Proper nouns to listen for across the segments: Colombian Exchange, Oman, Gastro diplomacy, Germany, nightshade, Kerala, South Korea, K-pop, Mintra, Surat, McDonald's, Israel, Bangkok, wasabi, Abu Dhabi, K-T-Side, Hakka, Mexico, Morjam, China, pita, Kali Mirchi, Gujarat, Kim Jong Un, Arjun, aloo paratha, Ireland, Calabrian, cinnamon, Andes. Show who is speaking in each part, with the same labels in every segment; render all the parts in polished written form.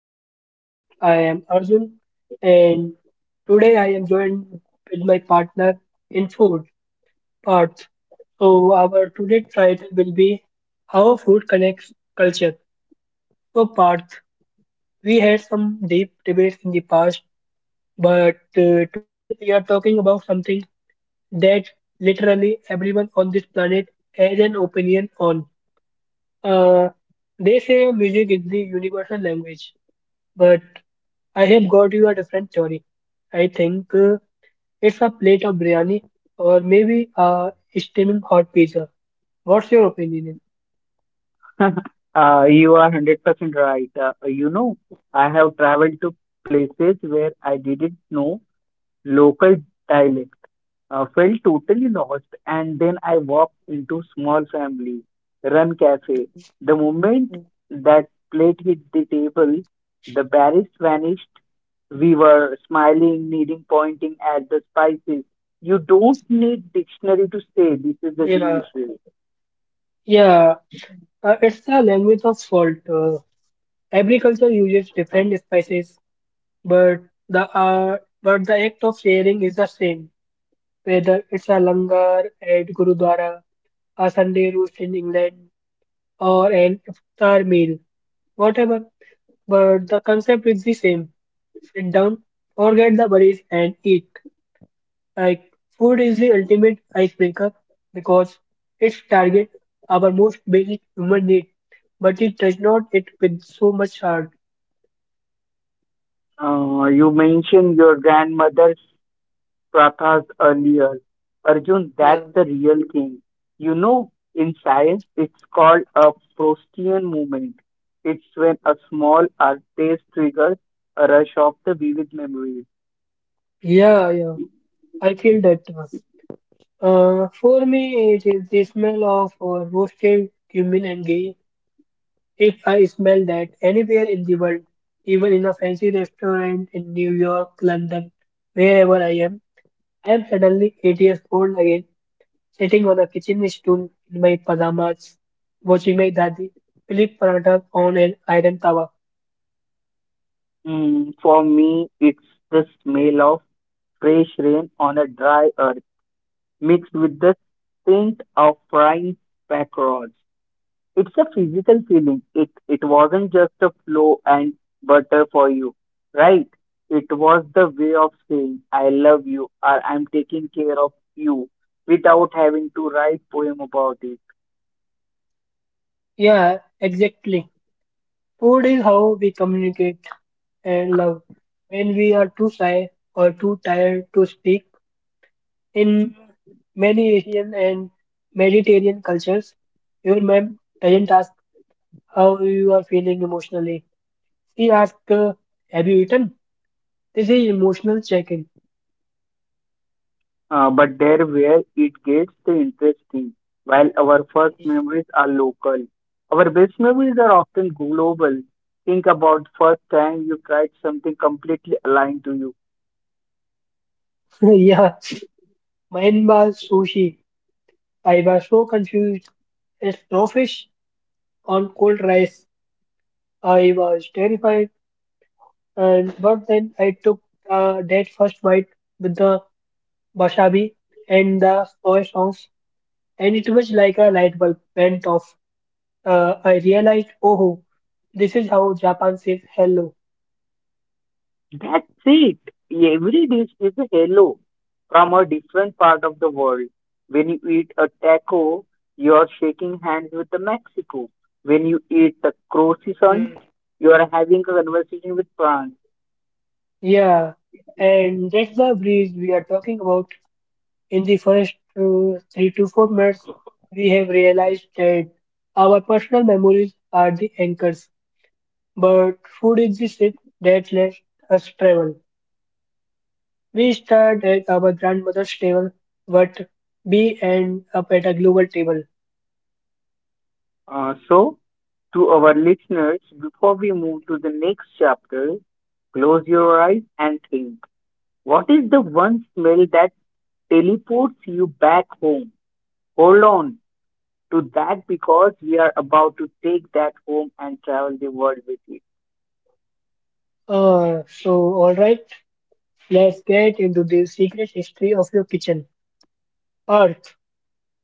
Speaker 1: pod. I am Arjun, and today I am joined with my partner in food, Parth. So, our today title will be How Food Connects Culture. So, Parth, we had some deep debates in the past, but today we are talking about something that literally everyone on this planet has an opinion on. Uh, they say music is the universal language, but I have got you a different theory. I think it's a plate of biryani or maybe a steaming hot pizza. What's your opinion?
Speaker 2: You are 100% right. I have traveled to places where I didn't know local dialect, felt totally lost, and then I walked into small family run cafe. The moment that plate hit the table, the barriers vanished. We were smiling, needing pointing at the spices. You don't need dictionary to say this is a
Speaker 1: Yeah,
Speaker 2: delicious.
Speaker 1: yeah, it's the language of salt. Every culture uses different spices, but the uh, but the act of sharing is the same. Whether it's a langar at Gurudwara, a Sunday roast in England, or an iftar meal, whatever. But the concept is the same. Sit down, forget the worries, and eat. Like, food is the ultimate icebreaker because it targets our most basic human need, but it does not hit with so much heart.
Speaker 2: You mentioned your grandmother's Prathas earlier. Arjun,
Speaker 1: Yeah.
Speaker 2: that's the real thing. In science, it's called a Proustian movement. It's when a small artist triggers a rush of the vivid memories.
Speaker 1: Yeah, yeah, I feel that. For me, it is the smell of roasted cumin and ghee. If I smell that anywhere in the world, even in a fancy restaurant in New York, London, wherever I am suddenly 8 years old again, sitting on a kitchen stool in my pajamas, watching my daddy flip parathas on an iron tawa.
Speaker 2: For me, it's the smell of fresh rain on a dry earth mixed with the scent of frying packrods. It's a physical feeling. It wasn't just a flow and butter for you, right? It was the way of saying I love you or I'm taking care of you without having to write poem about it.
Speaker 1: Yeah, exactly. Food is how we communicate and love. When we are too shy or too tired to speak, in many Asian and Mediterranean cultures, your mom doesn't ask how you are feeling emotionally. She asks, "Have you eaten?" This is emotional check-in.
Speaker 2: But there where it gets the interesting. While our first memories are local, our best memories are often global. Think about first time you tried something completely aligned to you.
Speaker 1: yeah, mine was sushi. I was so confused. A crawfish on cold rice. I was terrified. And but then I took that first bite with the wasabi and the soy sauce, and it was like a light bulb went off. I realized, oh, this is how Japan says hello.
Speaker 2: That's it. Every dish is a hello from a different part of the world. When you eat a taco, you are shaking hands with the Mexico. When you eat the croissant,
Speaker 1: Mm.
Speaker 2: you are having a conversation with France.
Speaker 1: Yeah, and that's the breeze we are talking about. In the first 3 to 4 months, we have realized that our personal memories are the anchors, but food is the ship that lets us travel. We start at our grandmother's table, but we end up at a global table.
Speaker 2: So, to our listeners, before we move to the next chapter, close your eyes and think. What is the one smell that teleports you back home? Hold on to that because we are about to take that home and travel the world with it.
Speaker 1: Uh, so, alright, let's get into the secret history of your kitchen. Earth,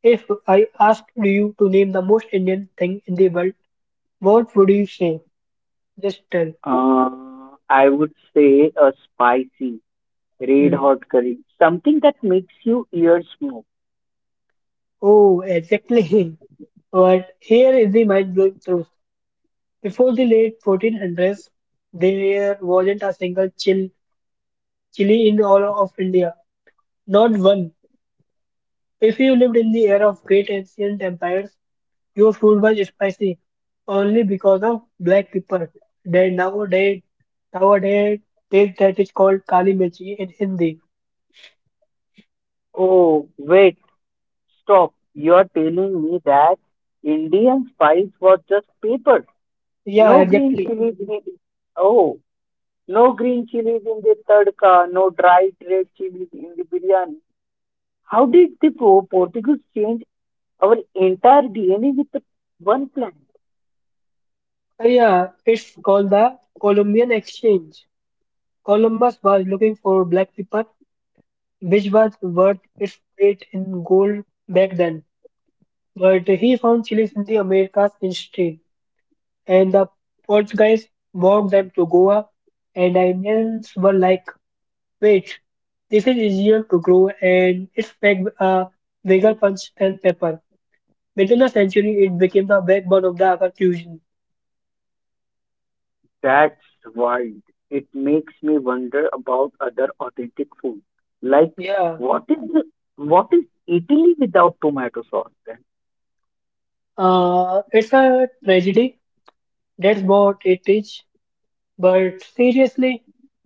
Speaker 1: if I asked you to name the most Indian thing in the world, what would you say? Just tell.
Speaker 2: Uh, I would say a spicy, red
Speaker 1: Mm,
Speaker 2: hot curry, something that makes you ears move.
Speaker 1: oh, exactly. But here is the mind blowing truth. Before the late 1400s, there wasn't a chili in all of India. Not one. If you lived in the era of great ancient empires, your food was spicy only because of black pepper. Then nowadays take that is called Kali Mirchi in Hindi.
Speaker 2: Oh, wait, stop. You're telling me that Indian spice was just pepper.
Speaker 1: Yeah,
Speaker 2: No green
Speaker 1: exactly.
Speaker 2: chilies in it. Oh, no green chilies in the tadka, no dried red chilies in the biryani. How did the Portuguese change our entire DNA with the one plant?
Speaker 1: Yeah, it's called the Colombian Exchange. Columbus was looking for black people which was worth its weight in gold back then. But he found chilies in the Americas instead, and the Portuguese brought them to Goa, and the Indians were like, wait, this is easier to grow and it's packed a bigger punch than pepper. Within the century, it became the backbone of the Agar fusion.
Speaker 2: That's wild. It makes me wonder about other authentic food. Like,
Speaker 1: Yeah,
Speaker 2: what is the, what is Italy without tomato sauce? Then?
Speaker 1: it's a tragedy. That's what it is. But seriously,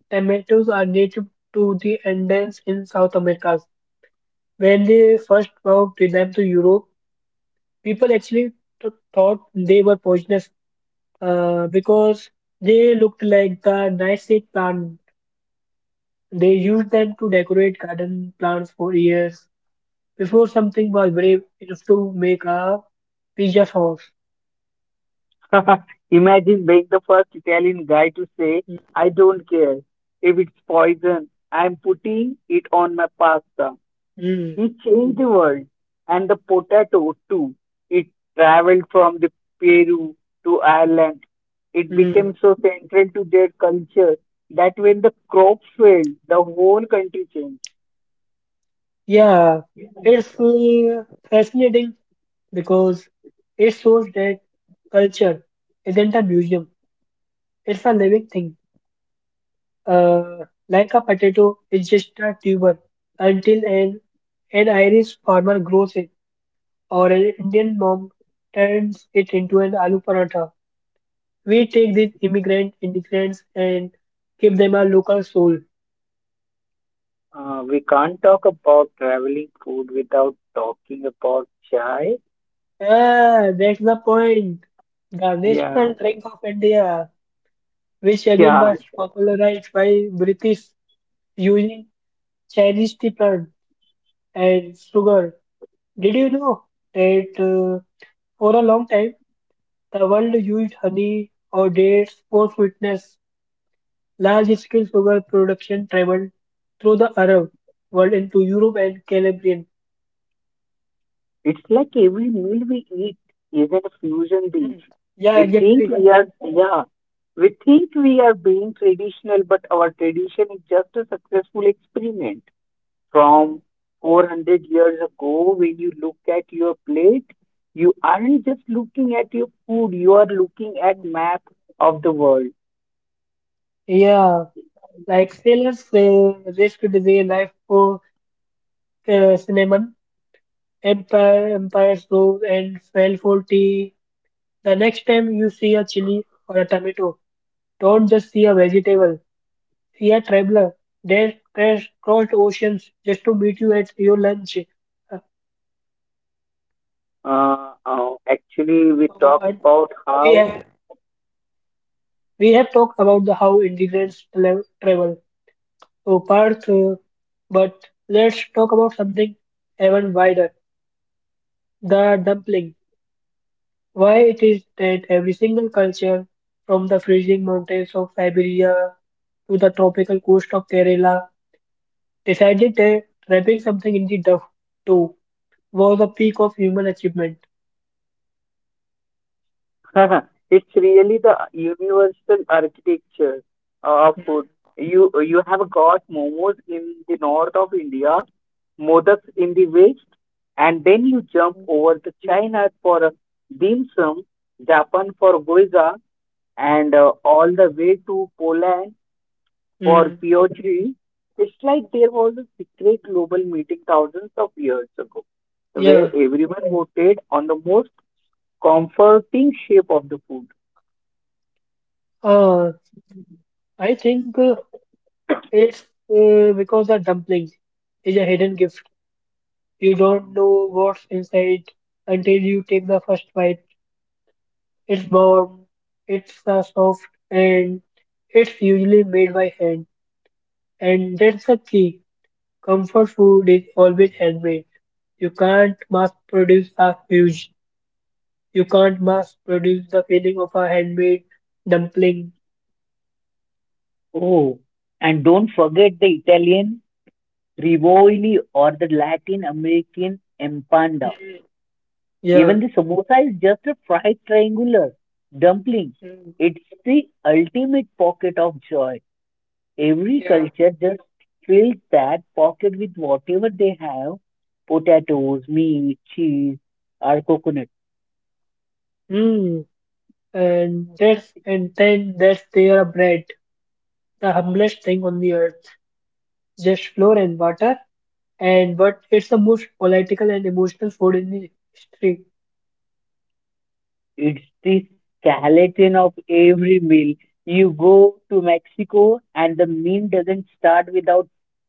Speaker 1: tomatoes are native to the Andes in South America. When they first brought them to Europe, people actually thought they were poisonous because they looked like the nightshade plant. They used them to decorate garden plants for years before something was brave enough to make a pizza sauce.
Speaker 2: Imagine being the first Italian guy to say, "I don't care if it's poison. I'm putting it on my pasta."
Speaker 1: Mm,
Speaker 2: He changed the world, and the potato too. It traveled from the Peru to Ireland. It became
Speaker 1: mm.
Speaker 2: so central to their culture that when the crop failed, the whole country changed.
Speaker 1: Yeah, it's fascinating because it shows that culture isn't a museum, it's a living thing. Uh, like a potato, it's just a tuber until an Irish farmer grows it or an Indian mom turns it into an aloo paratha. We take these immigrants and give them a local soul.
Speaker 2: We can't talk about traveling food without talking about chai.
Speaker 1: Ah, that's the point. The
Speaker 2: Yeah,
Speaker 1: national drink of India, which again
Speaker 2: yeah.
Speaker 1: was popularized by British using Chinese tea plant and sugar. Did you know that for a long time the world used honey or dates for sweetness? Large-scale sugar production traveled through the Arab world into Europe and Calabrian.
Speaker 2: It's like every meal we eat is a fusion
Speaker 1: Mm.
Speaker 2: dish.
Speaker 1: Yeah,
Speaker 2: We think
Speaker 1: exactly.
Speaker 2: we are, yeah, we think we are being traditional, but our tradition is just a successful experiment
Speaker 1: Mm,
Speaker 2: from 400 years ago. When you look at your plate, you aren't just looking at your food; you are looking at
Speaker 1: mm.
Speaker 2: map of the world.
Speaker 1: Yeah, like sailors risked their life for cinnamon. Empires rose and fell for tea. The next time you see a chili or a tomato, don't just see a vegetable. See a traveler, they crash crossed oceans just to meet you at your lunch. Uh,
Speaker 2: Actually, we
Speaker 1: uh,
Speaker 2: talk
Speaker 1: and
Speaker 2: about
Speaker 1: we
Speaker 2: how.
Speaker 1: have we have talked about the how Indians travel. So Parth, but let's talk about something even wider: the dumpling. Why it is that every single culture, from the freezing mountains of Siberia to the tropical coast of Kerala, decided that wrapping something in the duff too was a peak of human achievement.
Speaker 2: Haha, it's really the universal architecture of food. You have got momos in the north of India, modaks in the west, and then you jump over to China for a dim sum, Japan for goiza, and all the way to Poland for
Speaker 1: Mm,
Speaker 2: piochri. It's like there was a secret global meeting thousands of years ago, where
Speaker 1: yeah.
Speaker 2: everyone voted on the most comforting shape of the food.
Speaker 1: Uh, I think it's because the dumpling is a hidden gift. You don't know what's inside until you take the first bite. It's warm, it's soft, and it's usually made by hand. And that's the key. Comfort food is always handmade. You can't mass produce a huge. You can't mass produce the feeling of a handmade dumpling.
Speaker 2: Oh, and don't forget the Italian Rivoli or the Latin American Empanda.
Speaker 1: Mm, Yeah.
Speaker 2: Even the samosa is just a fried triangular dumpling.
Speaker 1: Mm,
Speaker 2: It's the ultimate pocket of joy. Every
Speaker 1: Yeah.
Speaker 2: culture just fills that pocket with whatever they have: potatoes, meat, cheese, or coconut.
Speaker 1: Mm. And that's and then that's their bread, the humblest thing on the earth, just flour and water. And but it's the most political and emotional food in the history.
Speaker 2: It's the skeleton of every meal. You go to Mexico and the meal doesn't start without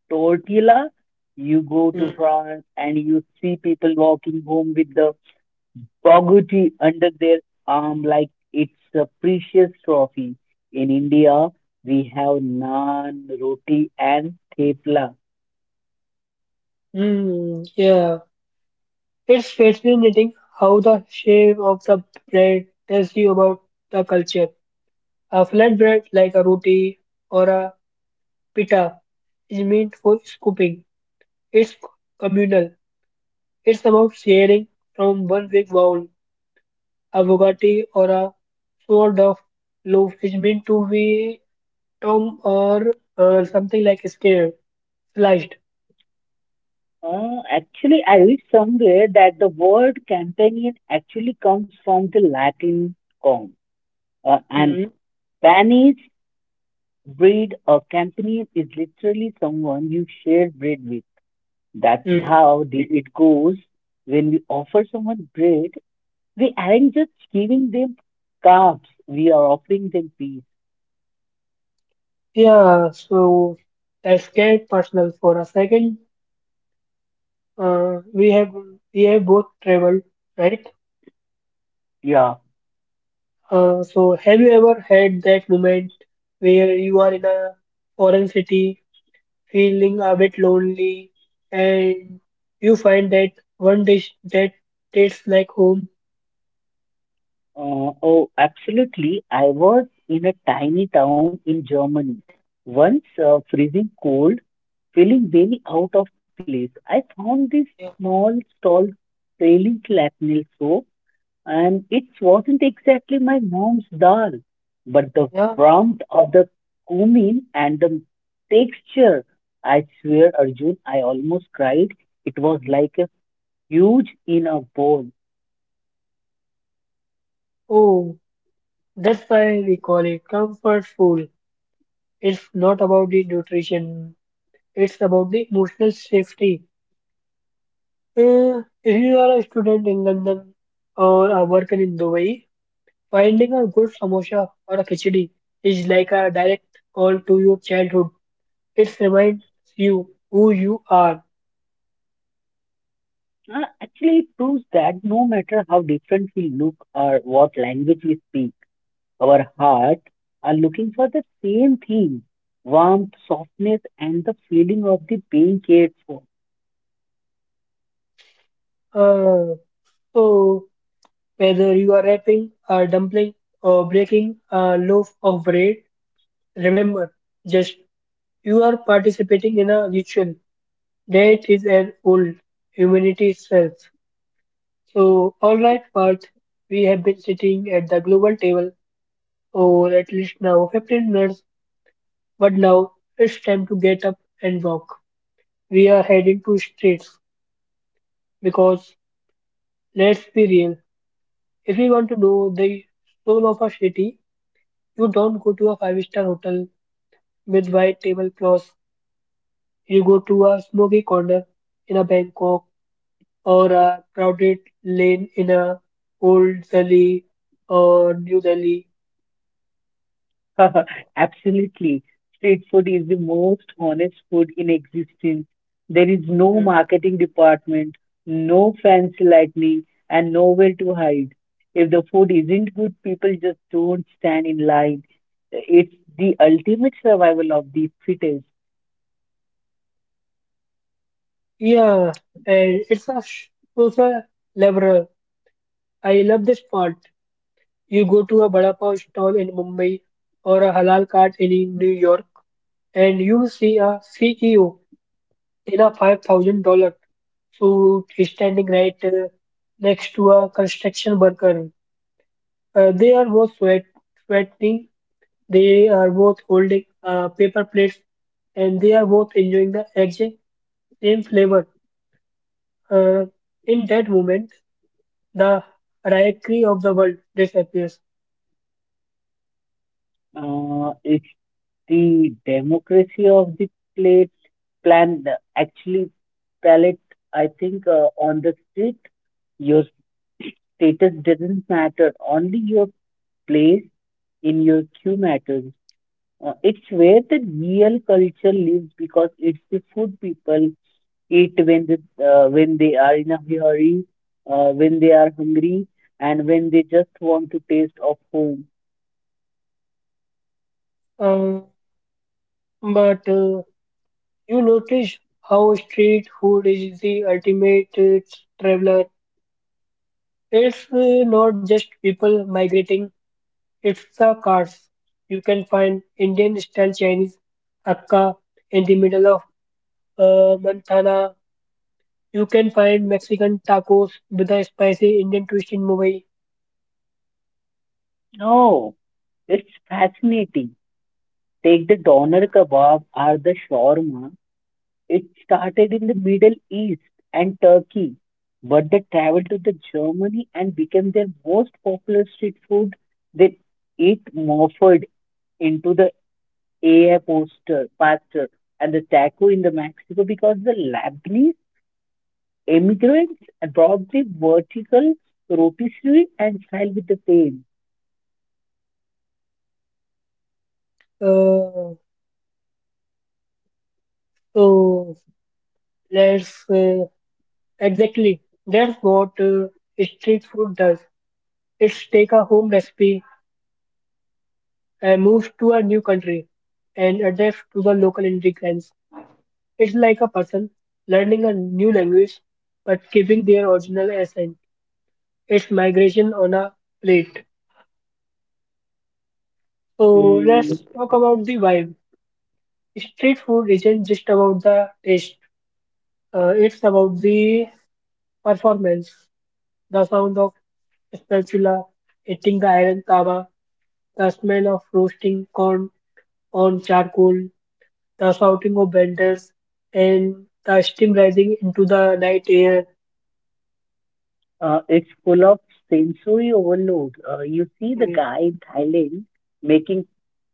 Speaker 2: tortilla. You go to
Speaker 1: Mm.
Speaker 2: France and you see people walking home with the pagoti under their arm like it's a precious trophy. In India, we have naan, roti, and thepla.
Speaker 1: Mm, yeah, it's fascinating how the shape of the bread tells you about the culture. A flatbread like a roti or a pita is meant for scooping. It's communal. It's about sharing from one big bowl, a bugatti or a sort of loaf is meant to be tom or something like a scared, sliced.
Speaker 2: Actually, I read somewhere that the word companion actually comes from the Latin com, and
Speaker 1: Mm,
Speaker 2: Spanish bread, or companion, is literally someone you share bread with. That's
Speaker 1: mm.
Speaker 2: how it goes. When we offer someone bread, we aren't just giving them carbs, we are offering them peace.
Speaker 1: Yeah, so that's get personal for a second. Uh, we have we have both traveled, right?
Speaker 2: Yeah.
Speaker 1: So have you ever had that moment where you are in a foreign city, feeling a bit lonely, and you find that one dish that tastes like home?
Speaker 2: Oh, absolutely. I was in a tiny town in Germany. Once freezing cold, feeling very out of place, I found this
Speaker 1: Yeah.
Speaker 2: small stall selling clatnel soap, and it wasn't exactly my mom's dal, but the
Speaker 1: Yeah.
Speaker 2: warmth of the cumin and the texture. I swear, Arjun, I almost cried. It was like a huge in a bowl.
Speaker 1: Oh, that's why we call it comfort food. It's not about the nutrition, it's about the emotional safety. If you are a student in London or a worker in Dubai, finding a good samosa or a khichdi is like a direct call to your childhood. It reminds you who you are.
Speaker 2: Actually, it proves that no matter how different we look or what language we speak, our heart are looking for the same thing: warmth, softness, and the feeling of the being cared for.
Speaker 1: Uh, so, whether you are wrapping a dumpling or breaking a loaf of bread, remember just you are participating in a ritual that is an old humanity itself. So, alright, Parth, we have been sitting at the global table for at least now 15 minutes, but now it's time to get up and walk. We are heading to streets because, let's be real, if you want to know the soul of a city, you don't go to a five-star hotel with white tablecloths, you go to a smoky corner in a Bangkok or a crowded lane in a old Delhi or New Delhi.
Speaker 2: Absolutely. Street food is the most honest food in existence. There is no
Speaker 1: Mm.
Speaker 2: marketing department, no fancy lighting, and nowhere to hide. If the food isn't good, people just don't stand in line. It's the ultimate survival of the fittest.
Speaker 1: Yeah, and it's a leveler. I love this part. You go to a vada pav stall in Mumbai or a halal cart in New York, and you will see a CEO in a $5,000 suit standing right next to a construction worker. They are both sweating. They are both holding paper plates and they are both enjoying the exact same flavor. Uh, in that moment, the hierarchy of the world disappears.
Speaker 2: It's the democracy of the plate plan, actually, palate. I think on the street, your status doesn't matter. Only your place in your queue matters. It's where the real culture lives because it's the food people eat when when they are in a hurry, when they are hungry, and when they just want to taste of home.
Speaker 1: Uh, but you notice how street food is the ultimate traveler. It's not just people migrating, it's the cars. You can find Indian style Chinese Hakka in the middle of Montana. You can find Mexican tacos with a spicy Indian twist in Mumbai.
Speaker 2: No, it's fascinating. Take the doner kebab or the shawarma. It started in the Middle East and Turkey, but they traveled to the Germany and became their most popular street food. They eat more for into the air poster, pastor and the taco in the Mexico because the Lebanese immigrants brought the vertical rotisserie and style with the fame.
Speaker 1: Uh, so there's exactly that's what street food does. It's take a home recipe and moves to a new country and adapts to the local ingredients. It's like a person learning a new language but keeping their original accent. It's migration on a plate. So
Speaker 2: Mm,
Speaker 1: let's talk about the vibe. Street food isn't just about the taste. It's about the performance, the sound of spatula hitting the iron tava, the smell of roasting corn on charcoal, the shouting of vendors, and the steam rising into the night air.
Speaker 2: it's full of sensory overload. You see the
Speaker 1: Mm,
Speaker 2: guy in Thailand making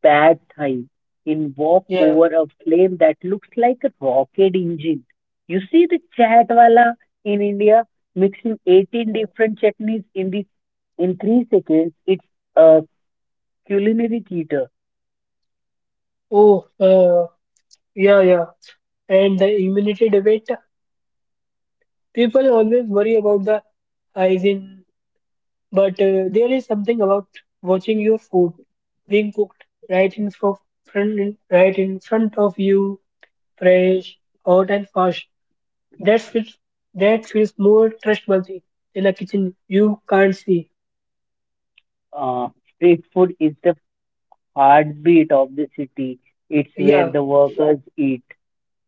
Speaker 2: bad Thai in walk
Speaker 1: yeah.
Speaker 2: over a flame that looks like a rocket engine. You see the chatwala in India mixing 18 different chutneys in the in 3 seconds. It's a culinary theater.
Speaker 1: Oh, uh, yeah, yeah. And the immunity debate. People always worry about the hygiene. But there is something about watching your food being cooked right in fro- right in front of you, fresh, hot and fast. That feels that feels more trustworthy than a kitchen you can't see.
Speaker 2: Uh, Street food is the heartbeat of the city. It's where
Speaker 1: Yeah.
Speaker 2: the workers eat,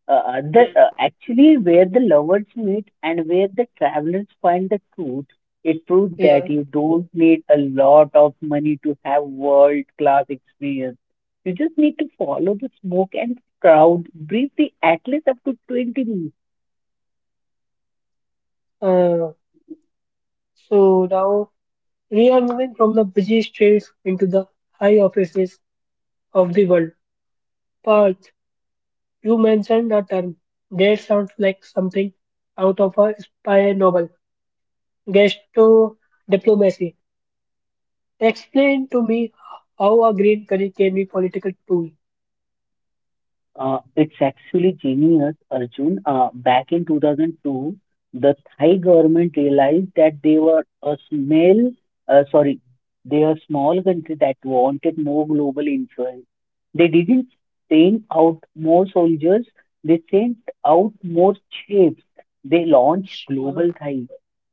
Speaker 1: Mm.
Speaker 2: actually where the lovers meet, and where the travelers find the truth. It proves that
Speaker 1: Yeah.
Speaker 2: you don't need a lot of money to have world class experience. You just need to follow the smoke and crowd briefly, at least up to 20.
Speaker 1: Uh, so now we are moving from the busy streets into the high offices of the world. Parth, you mentioned a term that sounds like something out of a spy novel. Gastro diplomacy. Explain to me how a green curry can be political tool.
Speaker 2: It's actually genius, Arjun. Back in 2002, the Thai government realized that they were a small, sorry, they are a small country that wanted more global influence. They didn't send out more soldiers, they sent out more ships. They launched
Speaker 1: अच्छा
Speaker 2: Global Thai,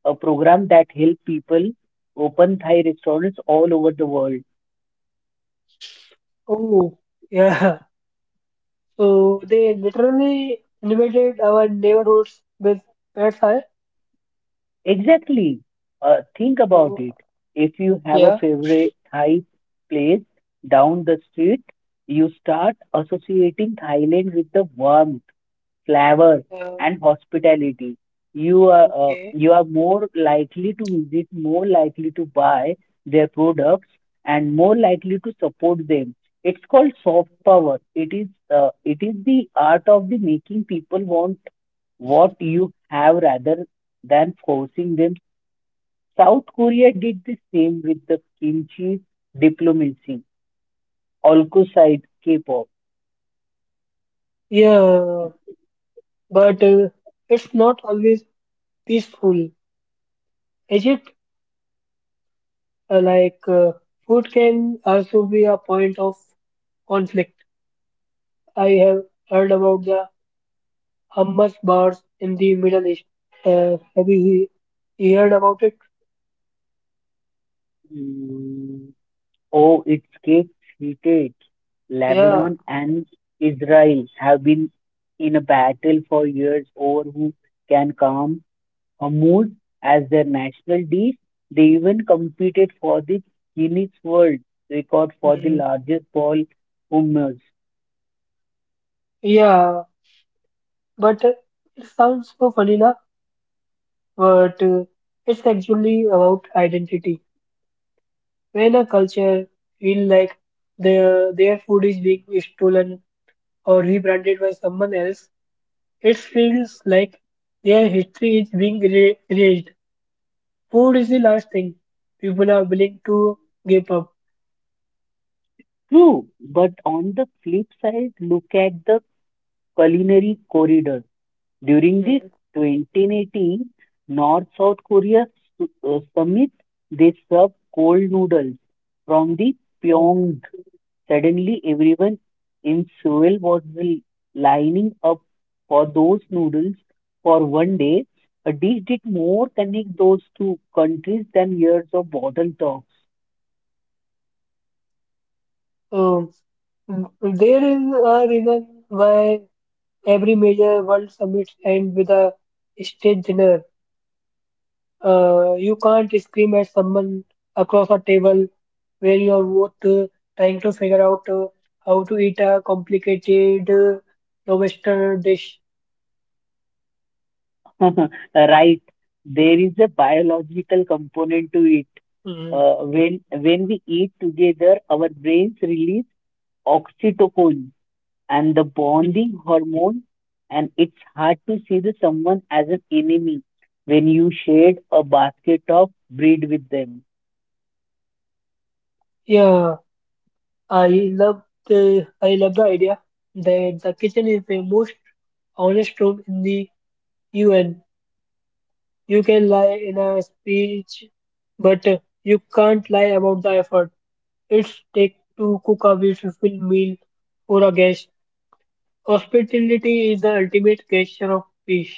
Speaker 2: a program that helped people open Thai restaurants all over the world.
Speaker 1: Oh, yeah. So they literally invaded our neighborhoods with pets. Huh?
Speaker 2: Exactly. Think about it.
Speaker 1: Oh,
Speaker 2: If you have a
Speaker 1: yeah,
Speaker 2: favorite Thai place down the street, you start associating Thailand with the warmth, flavor,
Speaker 1: yeah,
Speaker 2: and hospitality. You are uh,
Speaker 1: okay.
Speaker 2: you are more likely to visit, more likely to buy their products, and more likely to support them. It's called soft power. It is the art of the making people want what you have rather than forcing them. South Korea did the same with the kimchi diplomacy, alongside K-pop.
Speaker 1: Yeah, but it's not always peaceful, is it? Uh, like uh, Food can also be a point of conflict. I have heard about the Hamas bars in the Middle East. Uh, have you heard about it?
Speaker 2: Mm, Oh, its cakes heated.
Speaker 1: Yeah,
Speaker 2: Lebanon and Israel have been in a battle for years over who can calm Hamoud as their national dish. They even competed for the Guinness World Record for the
Speaker 1: mm,
Speaker 2: largest ball hummus.
Speaker 1: yeah. But it sounds so funny, na? But it's actually about identity. When a culture feel like their food is being stolen or rebranded by someone else, it feels like their history is being erased. Food is the last thing people are willing to give up.
Speaker 2: True, but on the flip side, look at the culinary corridor. During the
Speaker 1: Mm,
Speaker 2: 2018 North South Korea summit, they served cold noodles from the
Speaker 1: yeah.
Speaker 2: Pyong. Suddenly, everyone in Seoul was lining up for those noodles for one day. A dish did more connect those two countries than years of bottle talks.
Speaker 1: So, mm, there is a reason why every major world summit ends with a state dinner. You can't scream at someone across a table where you are both trying to figure out how to eat a complicated Western dish.
Speaker 2: Right, there is a biological component to it
Speaker 1: Mhm.
Speaker 2: when we eat together, our brains release oxytocin and the
Speaker 1: Mhm.
Speaker 2: bonding hormone, and it's hard to see the someone as an enemy when you shared a basket of bread with them.
Speaker 1: Yeah, I love I love the idea that the kitchen is the most honest room in the UN. You can lie in a speech, but you can't lie about the effort it's take to cook a beautiful meal for a guest. Hospitality is the ultimate gesture of peace.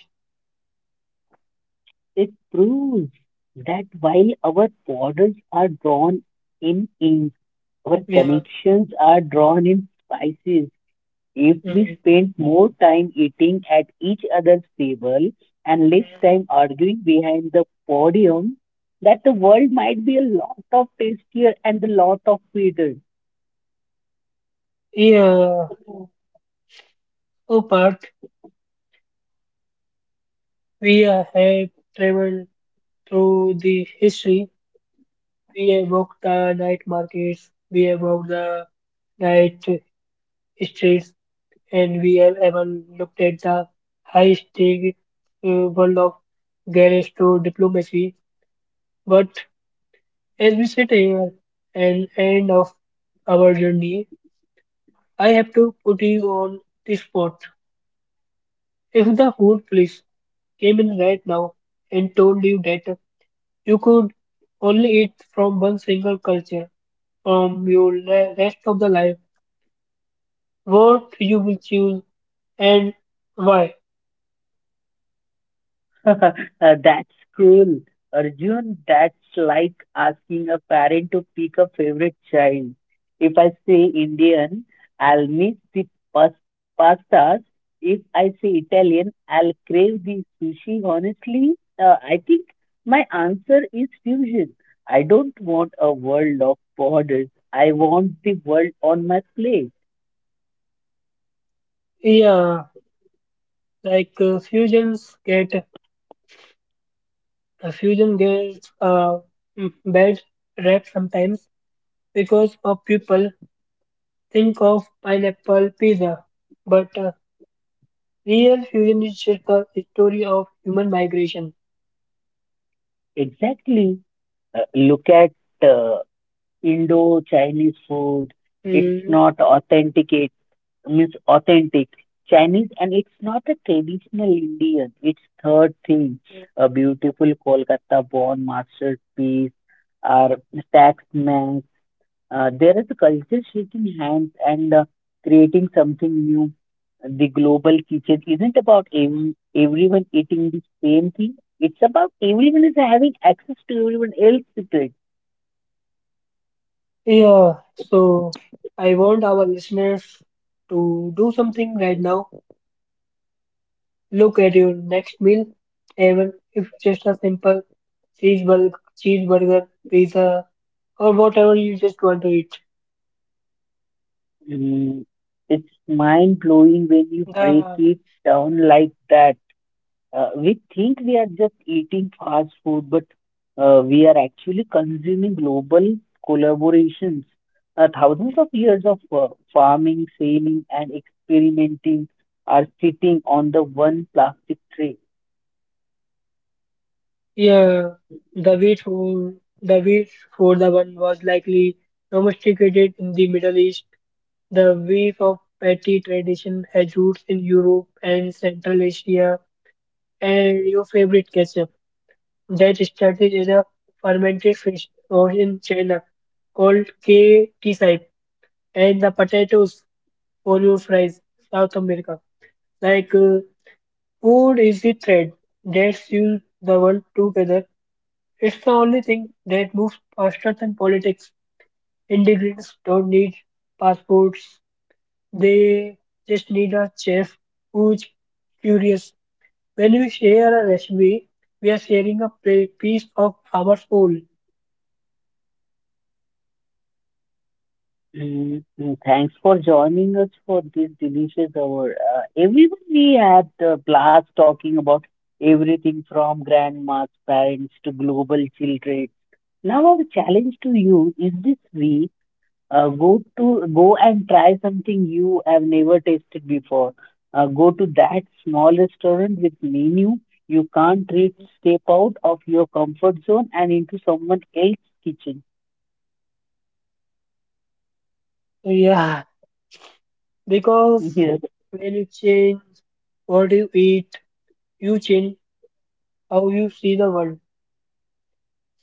Speaker 2: It proves that while our borders are drawn in ink, our
Speaker 1: Yeah.
Speaker 2: connections are drawn in spices. If we
Speaker 1: Mm.
Speaker 2: spend more time eating at each other's table and less time arguing behind the podium, that the world might be a lot of tastier and a lot of sweeter.
Speaker 1: Yeah. So, Parth, we have traveled through the history. We have walked the night markets. We have walked the night streets. And we have even looked at the high stake world of garage to diplomacy. But as we sit here and end of our journey, I have to put you on the spot. If the food police came in right now and told you that you could only eat from one single culture from your rest of the life, what you will choose and why?
Speaker 2: Uh, That's cruel, Arjun. That's like asking a parent to pick a favorite child. If I say Indian, I'll miss the pas- pastas. If I say Italian, I'll crave the sushi. Honestly, I think my answer is fusion. I don't want a world of borders. I want the world on my plate.
Speaker 1: Yeah, like fusions get The fusion gets a mm, bad rap sometimes because of people think of pineapple pizza, but real fusion is just a story of human migration.
Speaker 2: Exactly. Look at uh, Indo-Chinese food. It's
Speaker 1: Mm,
Speaker 2: not authenticate means authentic Chinese, and it's not a traditional Indian. It's third thing, a beautiful Kolkata-born masterpiece or taxman. There is a culture shaking hands and creating something new. The global kitchen isn't about everyone eating the same thing. It's about everyone is having access to everyone else's.
Speaker 1: yeah, so I want our listeners to do something right now. Look at your next meal, even if just a simple cheeseburger, cheeseburger, pizza, or whatever you just want to eat.
Speaker 2: Mm, It's mind blowing when you break
Speaker 1: The
Speaker 2: it down like that. We think we are just eating fast food, but we are actually consuming global collaborations. Thousands of years of farming, sailing, and experimenting are sitting on the one plastic tray.
Speaker 1: Yeah, the wheat for the wheat for the one was likely domesticated in the Middle East. The weave of patty tradition has roots in Europe and Central Asia, and your favorite ketchup that started as a fermented fish source in China called K-T-Side, and the potatoes for your fries, South America. Like food is the thread that sews the world together. It's the only thing that moves faster than politics. Immigrants don't need passports, they just need a chef who's curious. When we share a recipe, we are sharing a piece of our soul.
Speaker 2: Thanks for joining us for this delicious hour. Everyone, we had a blast talking about everything from grandma's parents to global children. Now, our challenge to you is this week: go and try something you have never tasted before. Go to that small restaurant with menu you can't reach. Step out of your comfort zone and into someone else's kitchen.
Speaker 1: So, yeah, because when you change what you eat, you change how you see the world.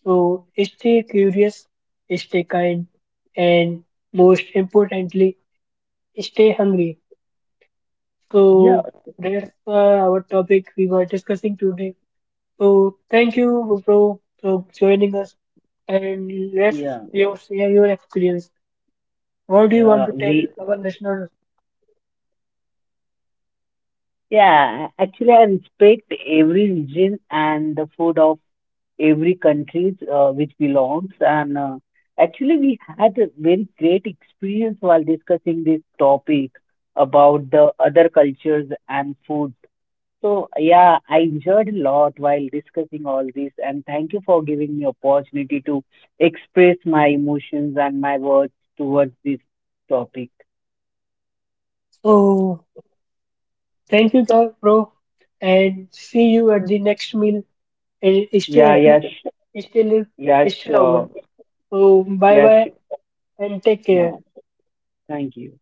Speaker 1: So stay curious, stay kind, and most importantly, stay hungry.
Speaker 2: Yeah,
Speaker 1: So
Speaker 2: yeah,
Speaker 1: that's our topic we were discussing today. So thank you, bro, for joining us. And let's
Speaker 2: yeah.
Speaker 1: you share your experience. What do you want
Speaker 2: Yeah,
Speaker 1: to tell
Speaker 2: we
Speaker 1: our listeners?
Speaker 2: yeah, actually, I respect every region and the food of every countries which belongs. And actually, we had a very great experience while discussing this topic about the other cultures and food. So yeah, I enjoyed a lot while discussing all this, and thank you for giving me opportunity to express my emotions and my words towards this topic.
Speaker 1: So thank you, guys, bro, and see you at the next meal. And stay
Speaker 2: Yeah, yeah,
Speaker 1: happy, stay live,
Speaker 2: yeah,
Speaker 1: stay longer.
Speaker 2: sure,
Speaker 1: So bye
Speaker 2: yeah,
Speaker 1: bye
Speaker 2: sure.
Speaker 1: and take care.
Speaker 2: No, thank you.